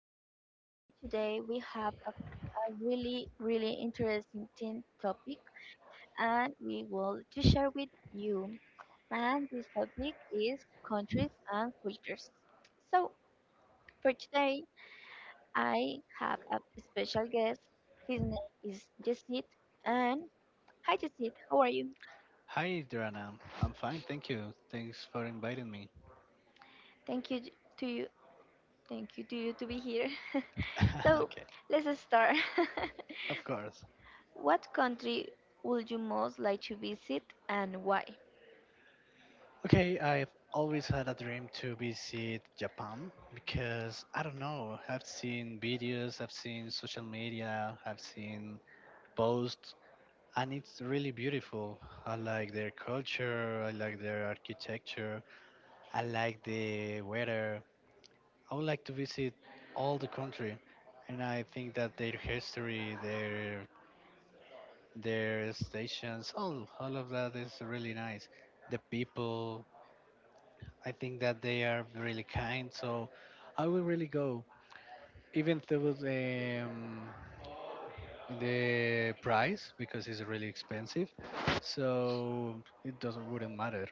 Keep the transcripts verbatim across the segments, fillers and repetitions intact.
Adriana and today we have a, a really really interesting topic and we will to share with you. And this topic is countries and cultures. So for today I have a special guest. His name is Jesse and hi Jesse, how are you? Hi, Drana. I'm fine, thank you. Thanks for inviting me. Thank you j- to you. Thank you to you to be here. So Okay, let's start. of course. What country would you most like to visit and why? Okay, I've always had a dream to visit Japan because I don't know, I've seen videos, I've seen social media, I've seen posts, and it's really beautiful. I like their culture, I like their architecture, I like the weather. I would like to visit all the country, and I think that their history, their their stations, all all of that is really nice. The people, I think that they are really kind, so I will really go, even though the um, the price because it's really expensive, so it doesn't wouldn't matter.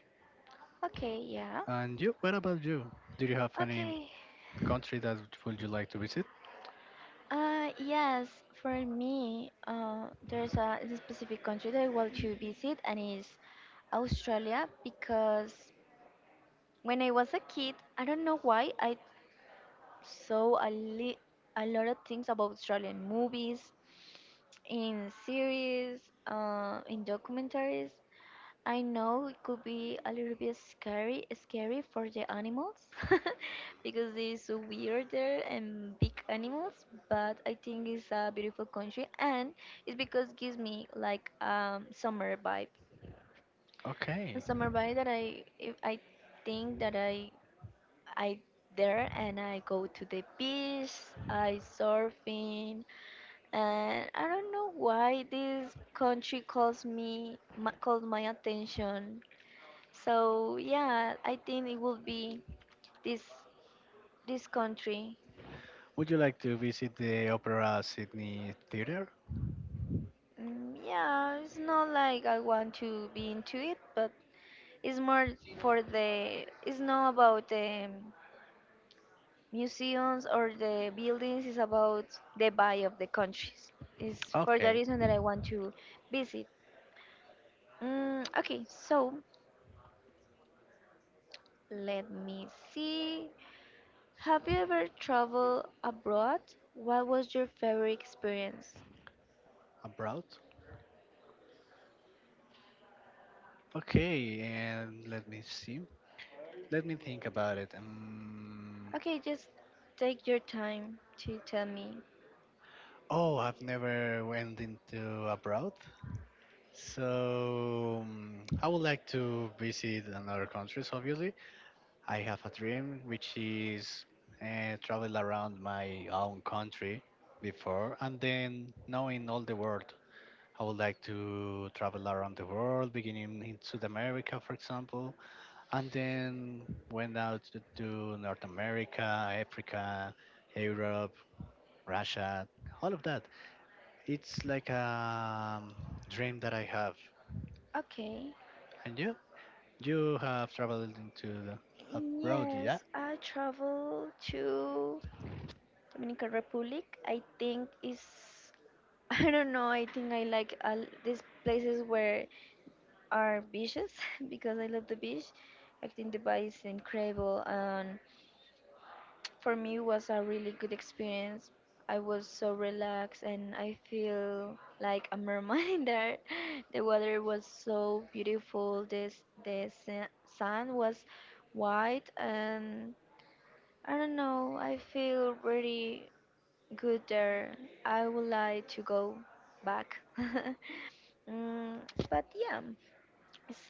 Okay, yeah. And you, what about you? Do you have any Okay. country that would you like to visit? Uh, yes, for me, uh, there's a, a specific country that I want to visit, and it's Australia because when I was a kid, I don't know why I saw a, li- a lot of things about Australian movies, in series, uh, in documentaries, I know it could be a little bit scary, scary for the animals because they're so weirder and big animals. But I think it's a beautiful country, and it's because it gives me like um summer vibe, a Okay. summer vibe that I if I think that I I there and I go to the beach, I surfing, and I don't know why this country calls me ma- calls my attention so yeah, I think it will be this this country. Would you like to visit the Opera Sydney Theatre? Mm, yeah, it's not like I want to be into it, but it's more for the. It's not about the museums or the buildings. It's about the vibe of the countries. It's for the Okay, reason that I want to visit. Mm, okay, so let me see. Have you ever traveled abroad? What was your favorite experience? abroad. Okay, and let me see. Let me think about it. Um, Okay, just take your time to tell me. Oh, I've never went into abroad, so um, I would like to visit another countries. Obviously, I have a dream, which is uh, travel around my own country before, and then knowing all the world. I would like to travel around the world, beginning in South America, for example, and then went out to, to North America, Africa, Europe, Russia, all of that. It's like a um, dream that I have. Okay. And you? You have traveled into the abroad, yeah? Yes, I travel to Dominican Republic. I think is I don't know. I think I like all these places where are beaches because I love the beach. I think the beach is incredible and for me it was a really good experience. I was so relaxed and I feel like a mermaid there. The water was so beautiful. This the sa- sand was white and I don't know. I feel really good there. I would like to go back. Mm, but yeah, it's,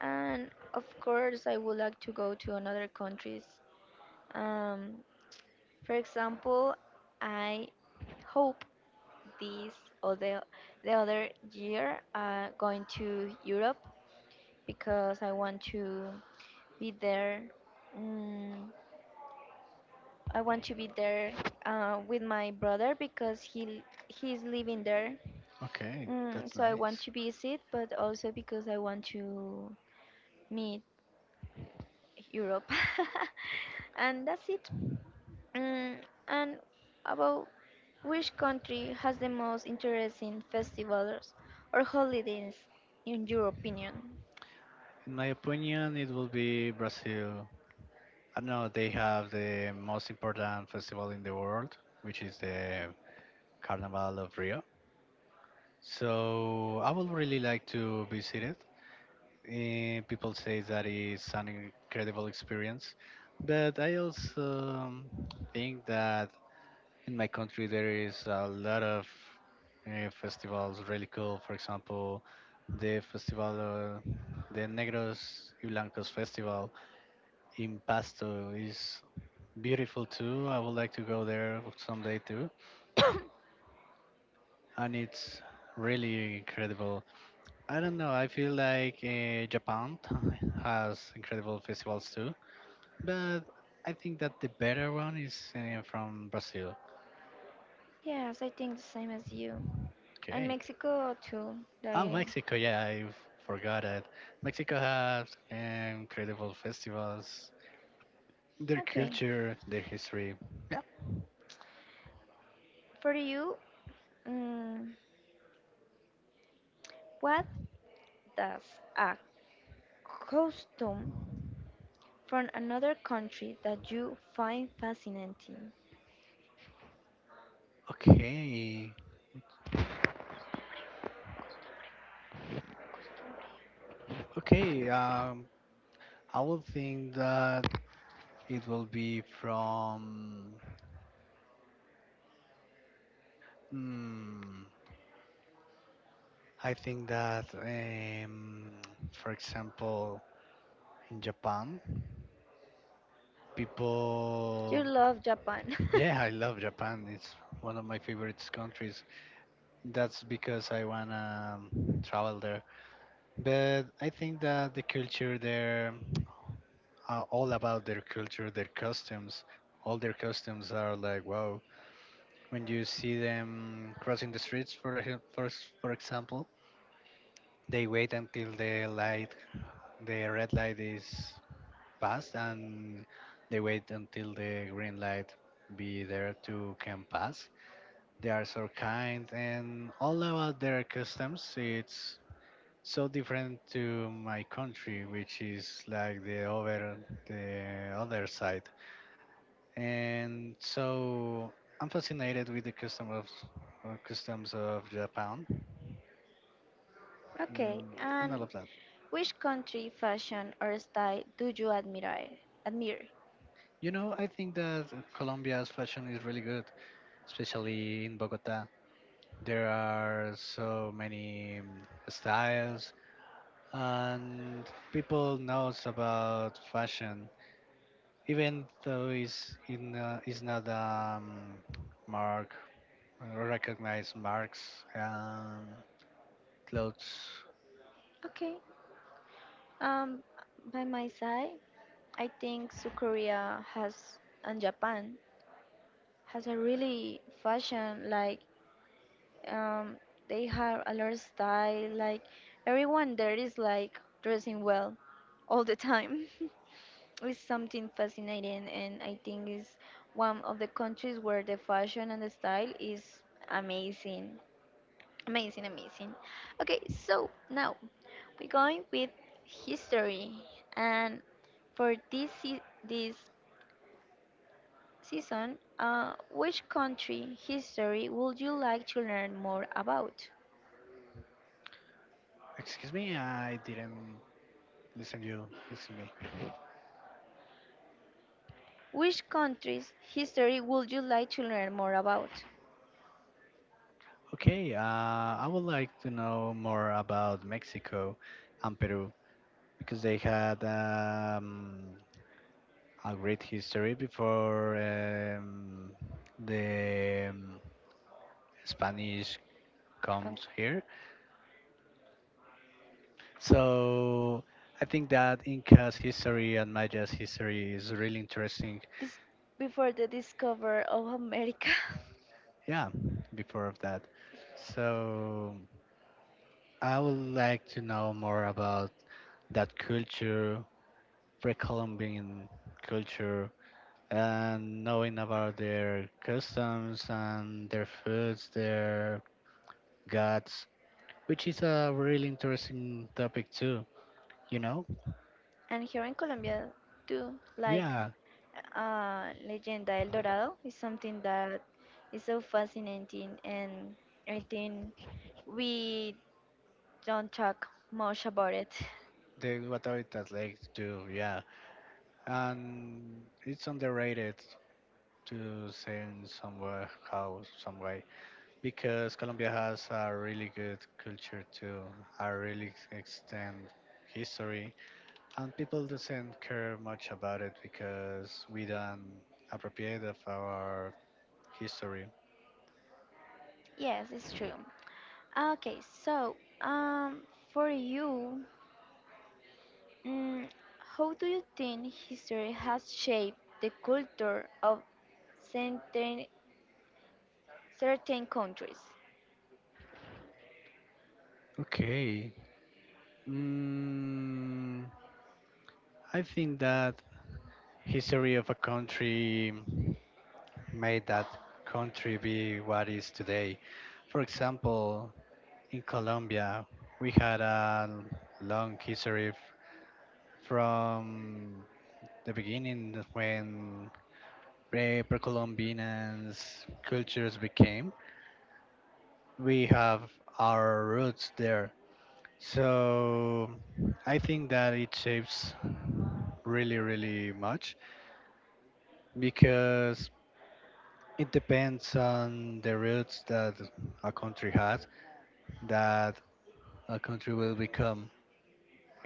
and of course I would like to go to another countries. Um, for example, I hope this or the, the other year uh, going to Europe because I want to be there. Mm, I want to be there uh, with my brother because he he's living there. Okay, Mm, that's so I want nice. to visit, but also because I want to meet Europe. And that's it. Mm, and about which country has the most interesting festivals or holidays in your opinion? In my opinion, it will be Brazil. I know they have the most important festival in the world, which is the Carnival of Rio. So I would really like to visit it. Eh, people say that it's an incredible experience, but I also um, think that in my country there is a lot of uh, festivals really cool. For example, the festival, uh, the Negros y Blancos festival in Pasto is beautiful too. I would like to go there someday too, and it's really incredible. I don't know. I feel like uh, Japan has incredible festivals too, but I think that the better one is uh, from Brazil. Yes, I think the same as you. And Okay. Mexico too. Oh, Like, Mexico. Yeah, I forgot it. Mexico has um, incredible festivals, their okay. culture, their history. Yeah. For you, mm, what does a costume from another country that you find fascinating? Okay. Okay. Um, I would think that it will be from. Hmm, I think that, um, for example, in Japan, You people. love Japan. Yeah, I love Japan. It's one of my favorite countries. That's because I wanna um, travel there. But I think that the culture there are all about their culture, their customs. All their customs are like wow. When you see them crossing the streets, for ex- for s- for example, they wait until the light, the red light is passed, and they wait until the green light be there to can pass. They are so kind and all about their customs. It's so different to my country, which is like the over the other side. And so I'm fascinated with the custom of uh, customs of Japan, Okay, mm, and and all of that. which country fashion or style do you admire? Admire. You know, I think that Colombia's fashion is really good, especially in Bogota. There are so many mm, styles and people knows about fashion, even though it's in uh, it's not um mark recognized marks um clothes. Okay, Um, by my side, I think South Korea has and Japan has a really fashion like um, they have a lot of style. Like everyone there is like dressing well all the time. It's something fascinating, and I think is one of the countries where the fashion and the style is amazing, amazing, amazing. Okay, so now we're going with history and for this se- this season, uh, which country history would you like to learn more about? Excuse me, I didn't listen to you. Listen to me. Which country's history would you like to learn more about? Okay, uh, I would like to know more about Mexico and Peru because they had um, a great history before um, the um, Spanish Um, comes here. So I think that Inca's history and Maya's history is really interesting. This before the discover of America. Yeah, before of that. So I would like to know more about that culture, pre-Columbian culture, and knowing about their customs and their foods, their gods, which is a really interesting topic too. You know? And here in Colombia, too, like Yeah. uh, Leyenda El Dorado is something that is so fascinating, and I think we don't talk much about it. The, what are it that like to do? Yeah. And it's underrated to say in somewhere how some way because Colombia has a really good culture too, a really extend history, and people doesn't care much about it because we don't appropriate of our history. Yes, it's true. Okay, so um, for you, mm, how do you think history has shaped the culture of certain, certain countries? Okay, mm, I think that history of a country made that country be what is today. For example, in Colombia, we had a long history f- from the beginning when pre- pre-Columbians cultures became. We have our roots there. So I think that it shapes really, really much because it depends on the roots that a country has that a country will become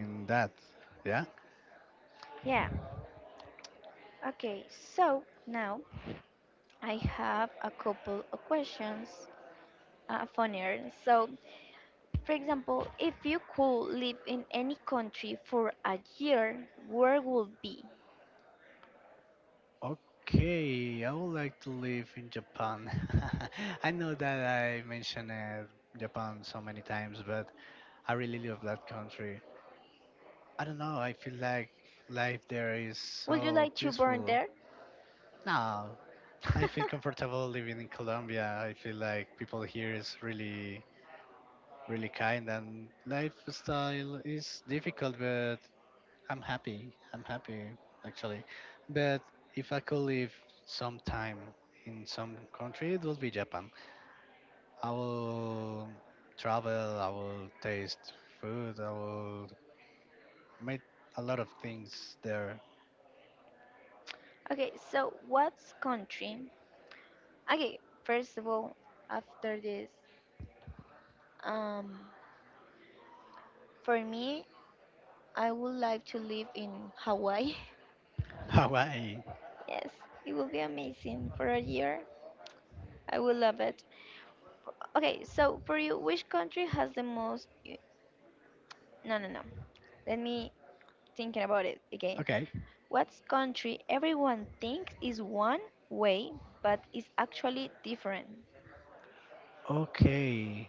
in that. Yeah. Yeah, okay, so now I have a couple of questions uh, funnier. So, for example, if you could live in any country for a year, where would be? Okay, I would like to live in Japan. I know that I mentioned uh, Japan so many times, but I really love that country. I don't know, I feel like life there is Would you so like to born peaceful. there? No, I feel comfortable living in Colombia. I feel like people here is really, really kind and lifestyle is difficult, but I'm happy. I'm happy actually. But if I could live some time in some country, it would be Japan. I will travel. I will taste food. I will make a lot of things there. Okay, so what country. Okay, first of all, after this, um, for me, I would like to live in Hawaii. Hawaii. Yes, it will be amazing for a year. I will love it. Okay, so for you, which country has the most? u- No, no, no. Let me thinking about it again. Okay. What country everyone thinks is one way, but is actually different, Okay.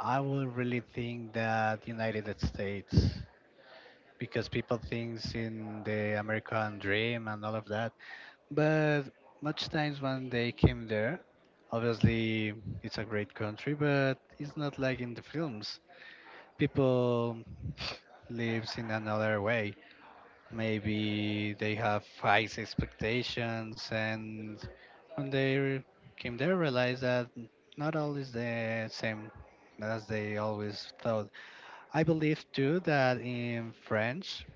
I will really think that United States because people thinks in the American dream and all of that. But much times when they came there, obviously it's a great country, but it's not like in the films. People lives in another way. Maybe they have high expectations, and when they came there, realize that not all is the same as they always thought. I believe too that in French,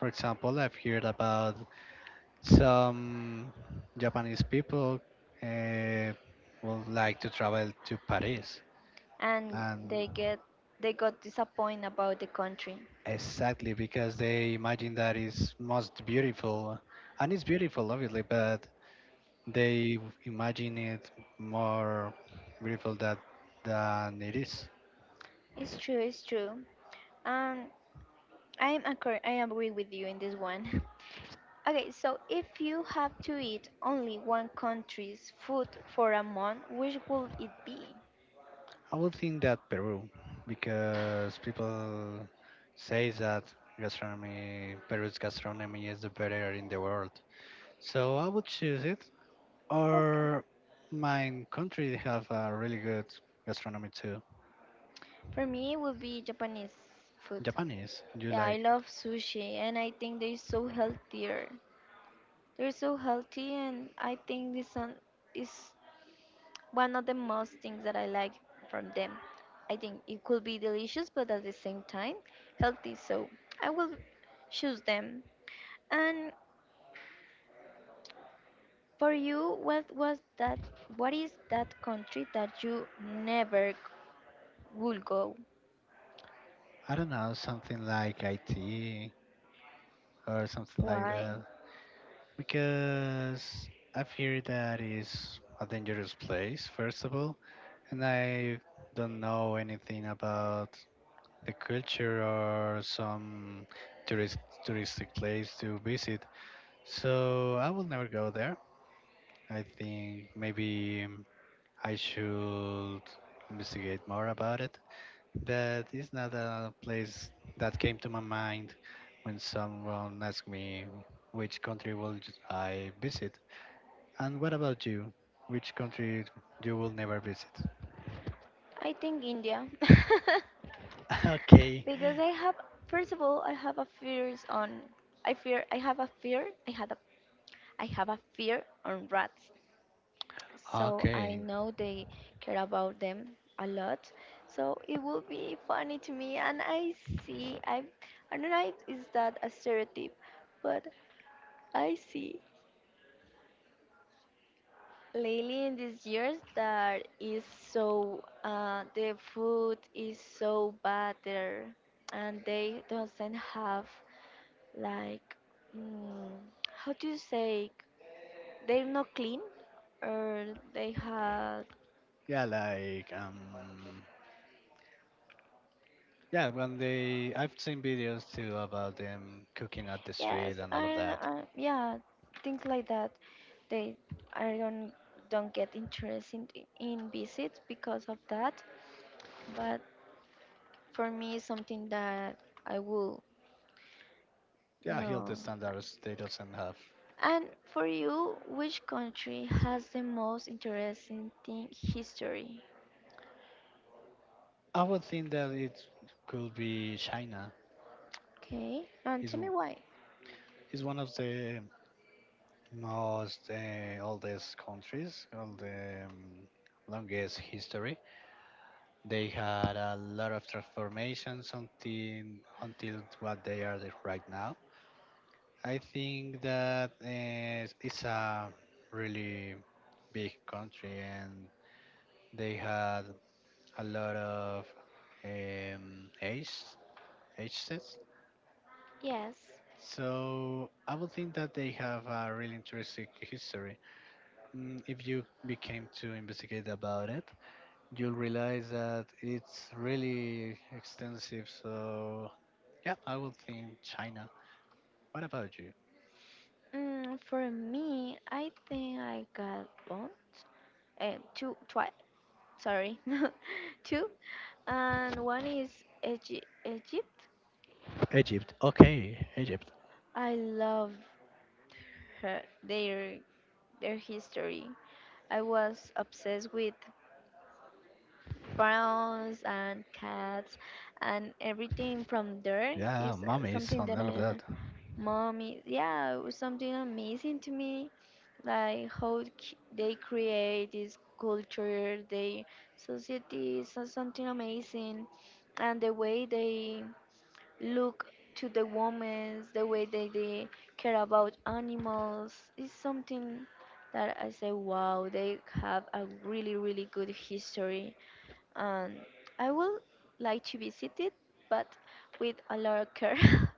for example, I've heard about some Japanese people uh, would like to travel to Paris, and and they get they got disappointed about the country. exactly because they imagine that is most beautiful, and it's beautiful, obviously, but they imagine it more beautiful that than it is. It's true. It's true. Um, I am accor- I agree with you in this one. Okay, so if you have to eat only one country's food for a month, which would it be? I would think that Peru, because people say that gastronomy, Peru's gastronomy is the better in the world. So I would choose it. Okay. Or my country have a really good gastronomy too. For me, it would be Japanese food. Japanese, you Yeah, I like. love sushi, and I think they're so healthier. They're so healthy, and I think this one is one of the most things that I like from them. I think it could be delicious, but at the same time, healthy. So I will choose them. And for you, what was that? What is that country that you never g- would go? I don't know, something like I T or something like Why? that, because I've heard that is a dangerous place first of all, and I don't know anything about the culture or some tourist touristic place to visit, so I will never go there. I think maybe. I should investigate more about it. That is not a place that came to my mind when someone asked me which country will j- I visit. And what about you? Which country you will never visit? I think India. Okay, Because I have, first of all, I have a fears on. I fear. I have a fear. I had a. I have a fear on rats. So I okay. know they care about them a lot. So it will be funny to me. And I see. I. I don't know. If is that a stereotype? But I see lately in these years that is so uh, the food is so bad there and they doesn't have like mm, how do you say they're not clean or they have Yeah, like, um, yeah. When they, I've seen videos too about them cooking at the street yes and I, all of that. don't- I yeah things like that they I don't don't get interest in, in visits because of that but for me it's something that I will Yeah, healthy no like. standards they doesn't have. And for you, which country has the most interesting thing history? I would think that it could be China. Okay, and Is tell me why. is one of the most uh, oldest countries, all the um, longest history. They had a lot of transformations until until what they are the- right now. I think that uh, it's a really big country, and they had a lot of um, age ages. Yes. So I would think that they have a really interesting history. Mm, If you became to investigate about it, you'll realize that it's really extensive. So, yeah, I would think China. What about you? Mm, for me, I think I got one, uh, two, twice. Sorry, two, and one is Egy- Egypt. Egypt. Okay, Egypt. I love her, their their history. I was obsessed with frowns and cats and everything from there Yeah, is mummies something and that all of uh, that. mommy yeah it was something amazing to me like how c- they create this culture they society is so- something amazing and the way they look to the women the way they, they care about animals is something that I say wow they have a really really good history and I would like to visit it, but with a lot of care.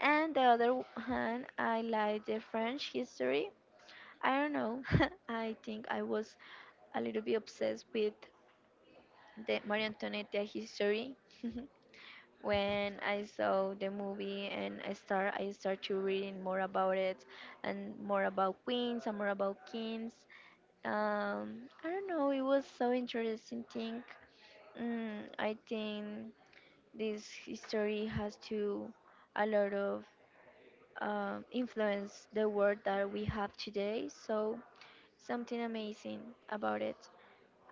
And the other hand, I like the French history. I don't know. I think I was a little bit obsessed with the Marie Antoinette history when I saw the movie and I start I start to reading more about it and more about queens and more about kings. Um, I don't know. It was so interesting thing. Mm, I think this history has to a lot of um, influence the world that we have today. So something amazing about it.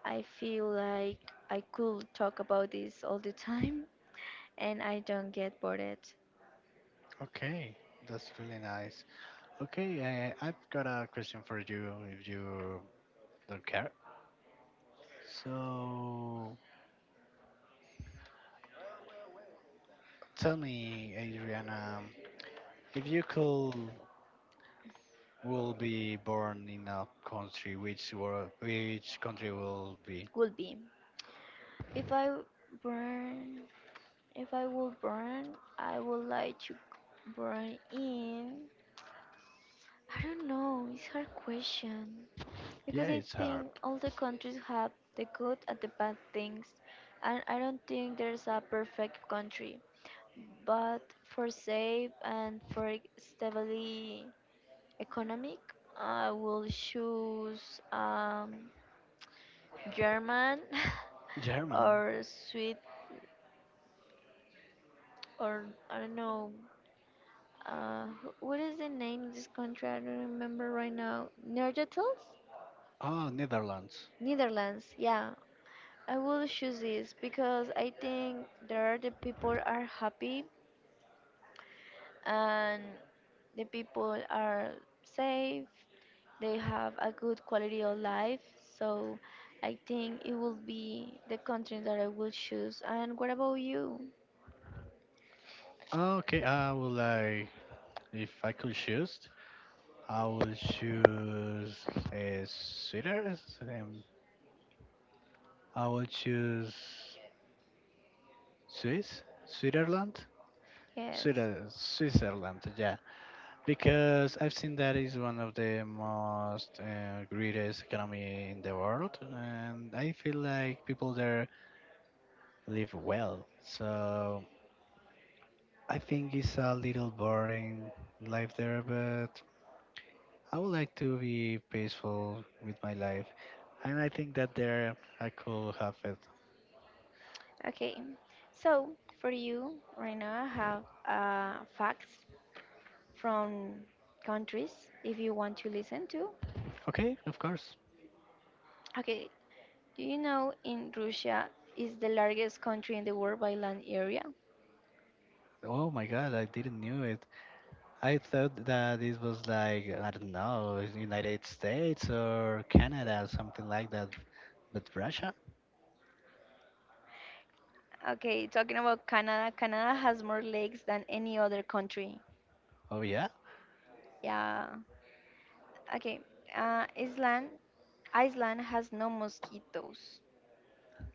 I feel like I could talk about this all the time, and I don't get bored. It Okay, that's really nice. Okay, uh, I've got a question for you if you don't care. So, tell me, Adriana, if you could will be born in a country which were which country will be, would be if I burn. If I would burn, I would like to burn in. I don't know. It's hard question. yeah, Because I it's hard, think all the countries have the good and the bad things, and I don't think there's a perfect country. But for safe and for stably economic, I will choose um, German German, or Sweden or I don't know. Uh, wh- what is the name of this country? I don't remember right now. Netherlands? oh, Netherlands, Netherlands, yeah. I will choose this because I think there the people are happy and the people are safe. They have a good quality of life. So I think it will be the country that I will choose. And what about you? ah, okay, I would like, if I could choose, I will choose uh, Switzerland, um, I will choose swiss Switzerland, Yes. Sweden, Switzerland, yeah, because I've seen that is one of the most uh, greatest economy in the world, and I feel like people there live well. So I think it's a little boring life there, but I would like to be peaceful with my life. And I think that there I could have it. Okay. So for you right now, I have uh, facts from countries if you want to listen to. Okay, of course. Okay, do you know in Russia is the largest country in the world by land area? Oh my god, I didn't knew it. I thought that it was like, I don't know, United States or Canada, something like that. But Russia? Okay, talking about Canada. Canada has more lakes than any other country. Oh yeah? Yeah. Okay. Uh, Iceland. Iceland has no mosquitoes.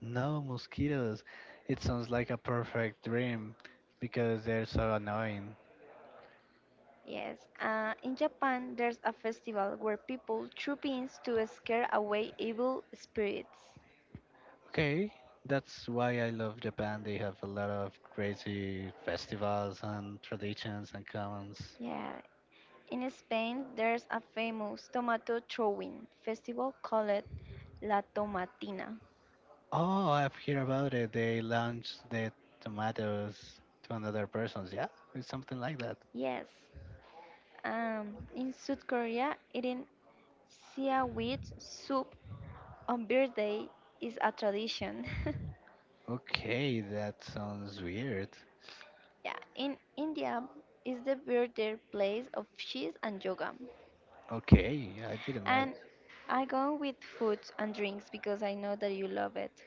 No, mosquitoes. It sounds like a perfect dream because they're so annoying. Yes. Uh, in Japan, there's a festival where people throw pins to scare away evil spirits. Okay, that's why I love Japan. They have a lot of crazy festivals and traditions and commons. Yeah. In Spain, there's a famous tomato throwing festival called La Tomatina. Oh, I've heard about it. They launched the tomatoes to another person's. Yeah, it's something like that. Yes. Um, in South Korea, eating seaweed soup on birthday is a tradition. Okay, that sounds weird. Yeah, in India is the birthday place of cheese and yoga. Okay, I didn't know And it. I go with food and drinks because I know that you love it.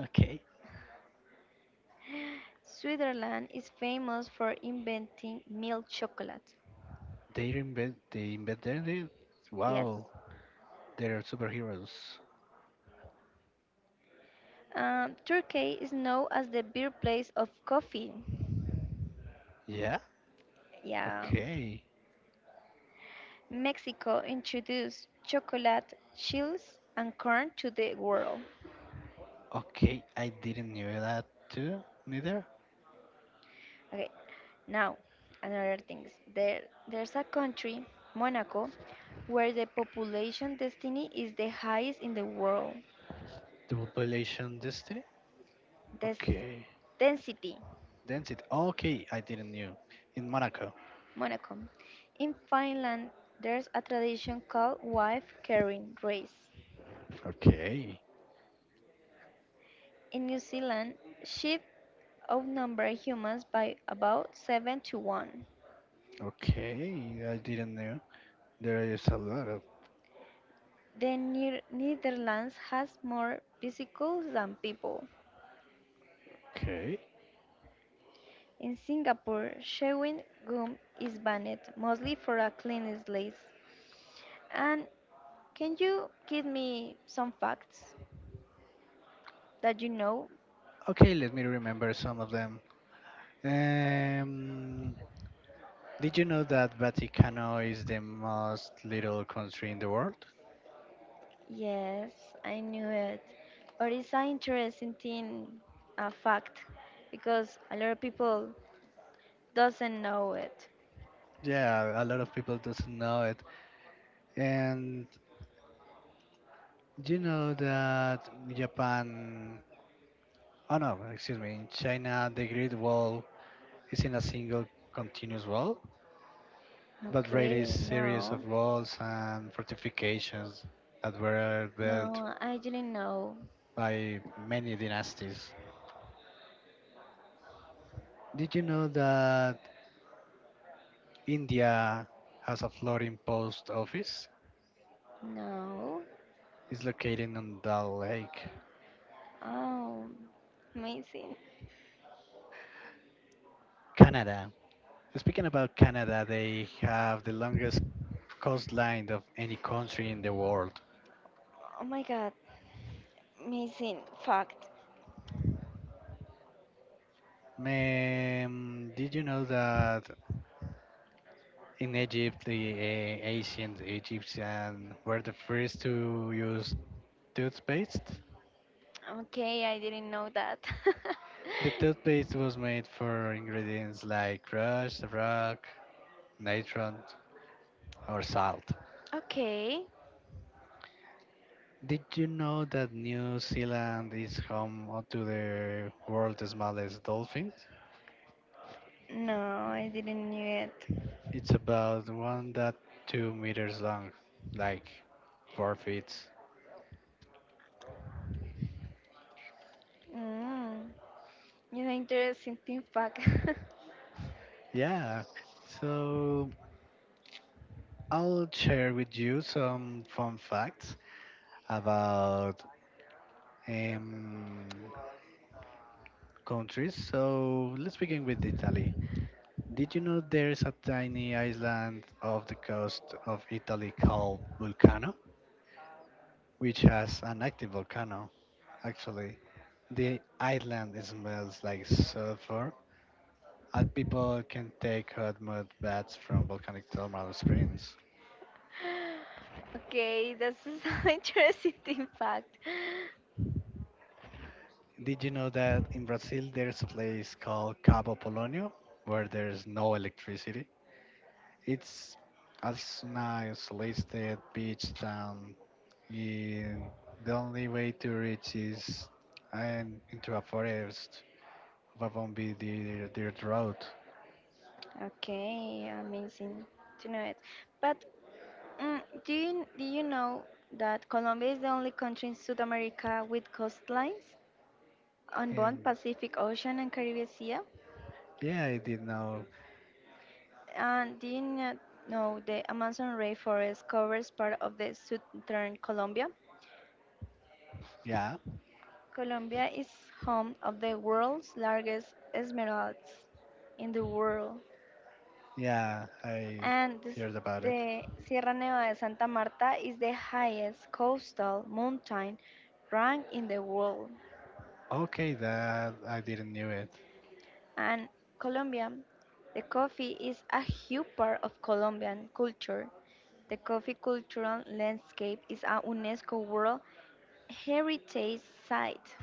Okay, Switzerland is famous for inventing milk chocolate. they invent they invented it. Yes. Wow, they're superheroes. Um, Turkey is known as the birthplace of coffee. Yeah. Yeah. Okay. Mexico introduced chocolate, chills, and corn to the world. Okay, I didn't know that too. Neither. Okay, now another thing. There, there's a country, Monaco, where the population density is the highest in the world. Double population density. Des- Okay. density, That's it. Okay, I didn't knew. In Monaco. Monaco. In Finland, there's a tradition called wife carrying race. Okay. In New Zealand, sheep outnumber humans by about seven to one. Okay, I didn't know. There is a lot of. The Ni- Netherlands has more bicycles than people. Okay. In Singapore, chewing gum is banned, mostly for a clean slate. And can you give me some facts that you know? Okay, let me remember some of them. Um, did you know that Vaticano is the most little country in the world? Yes, I knew it. But it's an interesting thing, a fact, because a lot of people doesn't know it. Yeah, a lot of people doesn't know it. And do you know that Japan? Oh no, excuse me. In China, the Great Wall is in a single continuous wall. But Raid is Okay, series no, of walls and fortifications that were built no, I didn't know. by many dynasties. Did you know that India has a floating post office? No. It's located on Dal Lake, Oh, amazing. Canada. Speaking about Canada, they have the longest coastline of any country in the world. Oh my god, amazing fact. Man, did you know that in Egypt, the uh, ancient Egyptians were the first to use toothpaste? Okay, I didn't know that. The toothpaste was made for ingredients like crust, rock, natron, or salt. Okay. Did you know that New Zealand is home to the world's smallest dolphin? No, I didn't knew it. It's about one point two meters long, like four feet. Mm, it's an interesting thing fact. Yeah, so I'll share with you some fun facts about um, countries. So let's begin with Italy. Did you know there is a tiny island off the coast of Italy called Vulcano, which has an active volcano? Actually, the island smells like sulfur, and people can take hot mud baths from volcanic thermal springs. Okay, that's an interesting thing fact. Did you know that in Brazil there is a place called Cabo Polonio where there is no electricity? It's as an isolated beach town. And the only way to reach is I'm into a forest of a bumpy dirt, dirt road. Okay, amazing to know it. But mm, do you do you know that Colombia is the only country in South America with coastlines on both And Pacific Ocean and Caribbean Sea? yeah, I did know. And did not know the Amazon rainforest covers part of the southern Colombia. Yeah, Colombia is home of the world's largest esmeraldas in the world. yeah, I And this, heard about it. the Sierra Nevada de Santa Marta is the highest coastal mountain rank in the world. Okay, that I didn't knew it. And Colombia, the coffee is a huge part of Colombian culture. The coffee cultural landscape is a UNESCO World Heritage Site.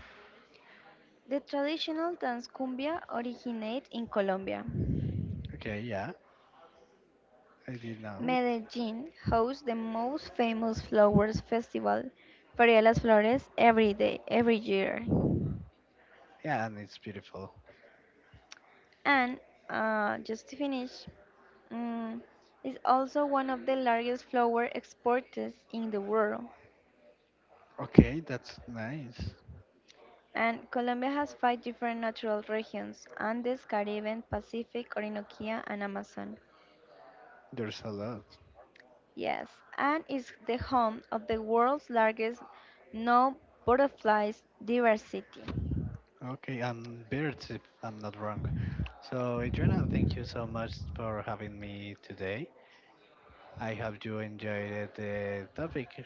The traditional dance cumbia originates in Colombia. Okay, yeah, I did know it. Medellin hosts the most famous flowers festival, Feria de las Flores, every day, every year. Yeah, and it's beautiful. And uh, just to finish, mm, is also one of the largest flower exporters in the world. Okay, that's nice. And Colombia has five different natural regions Andes, Caribbean, Pacific, Orinoquia, and Amazon. There's a lot. Yes, and is the home of the world's largest known butterflies diversity. Okay, and birds, if I'm not wrong. So, Adriana, thank you so much for having me today. I hope you enjoyed the topic.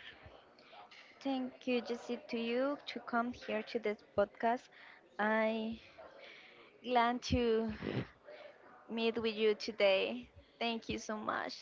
Thank you, Jesse, to you to come here to this podcast. I glad to meet with you today. Thank you so much.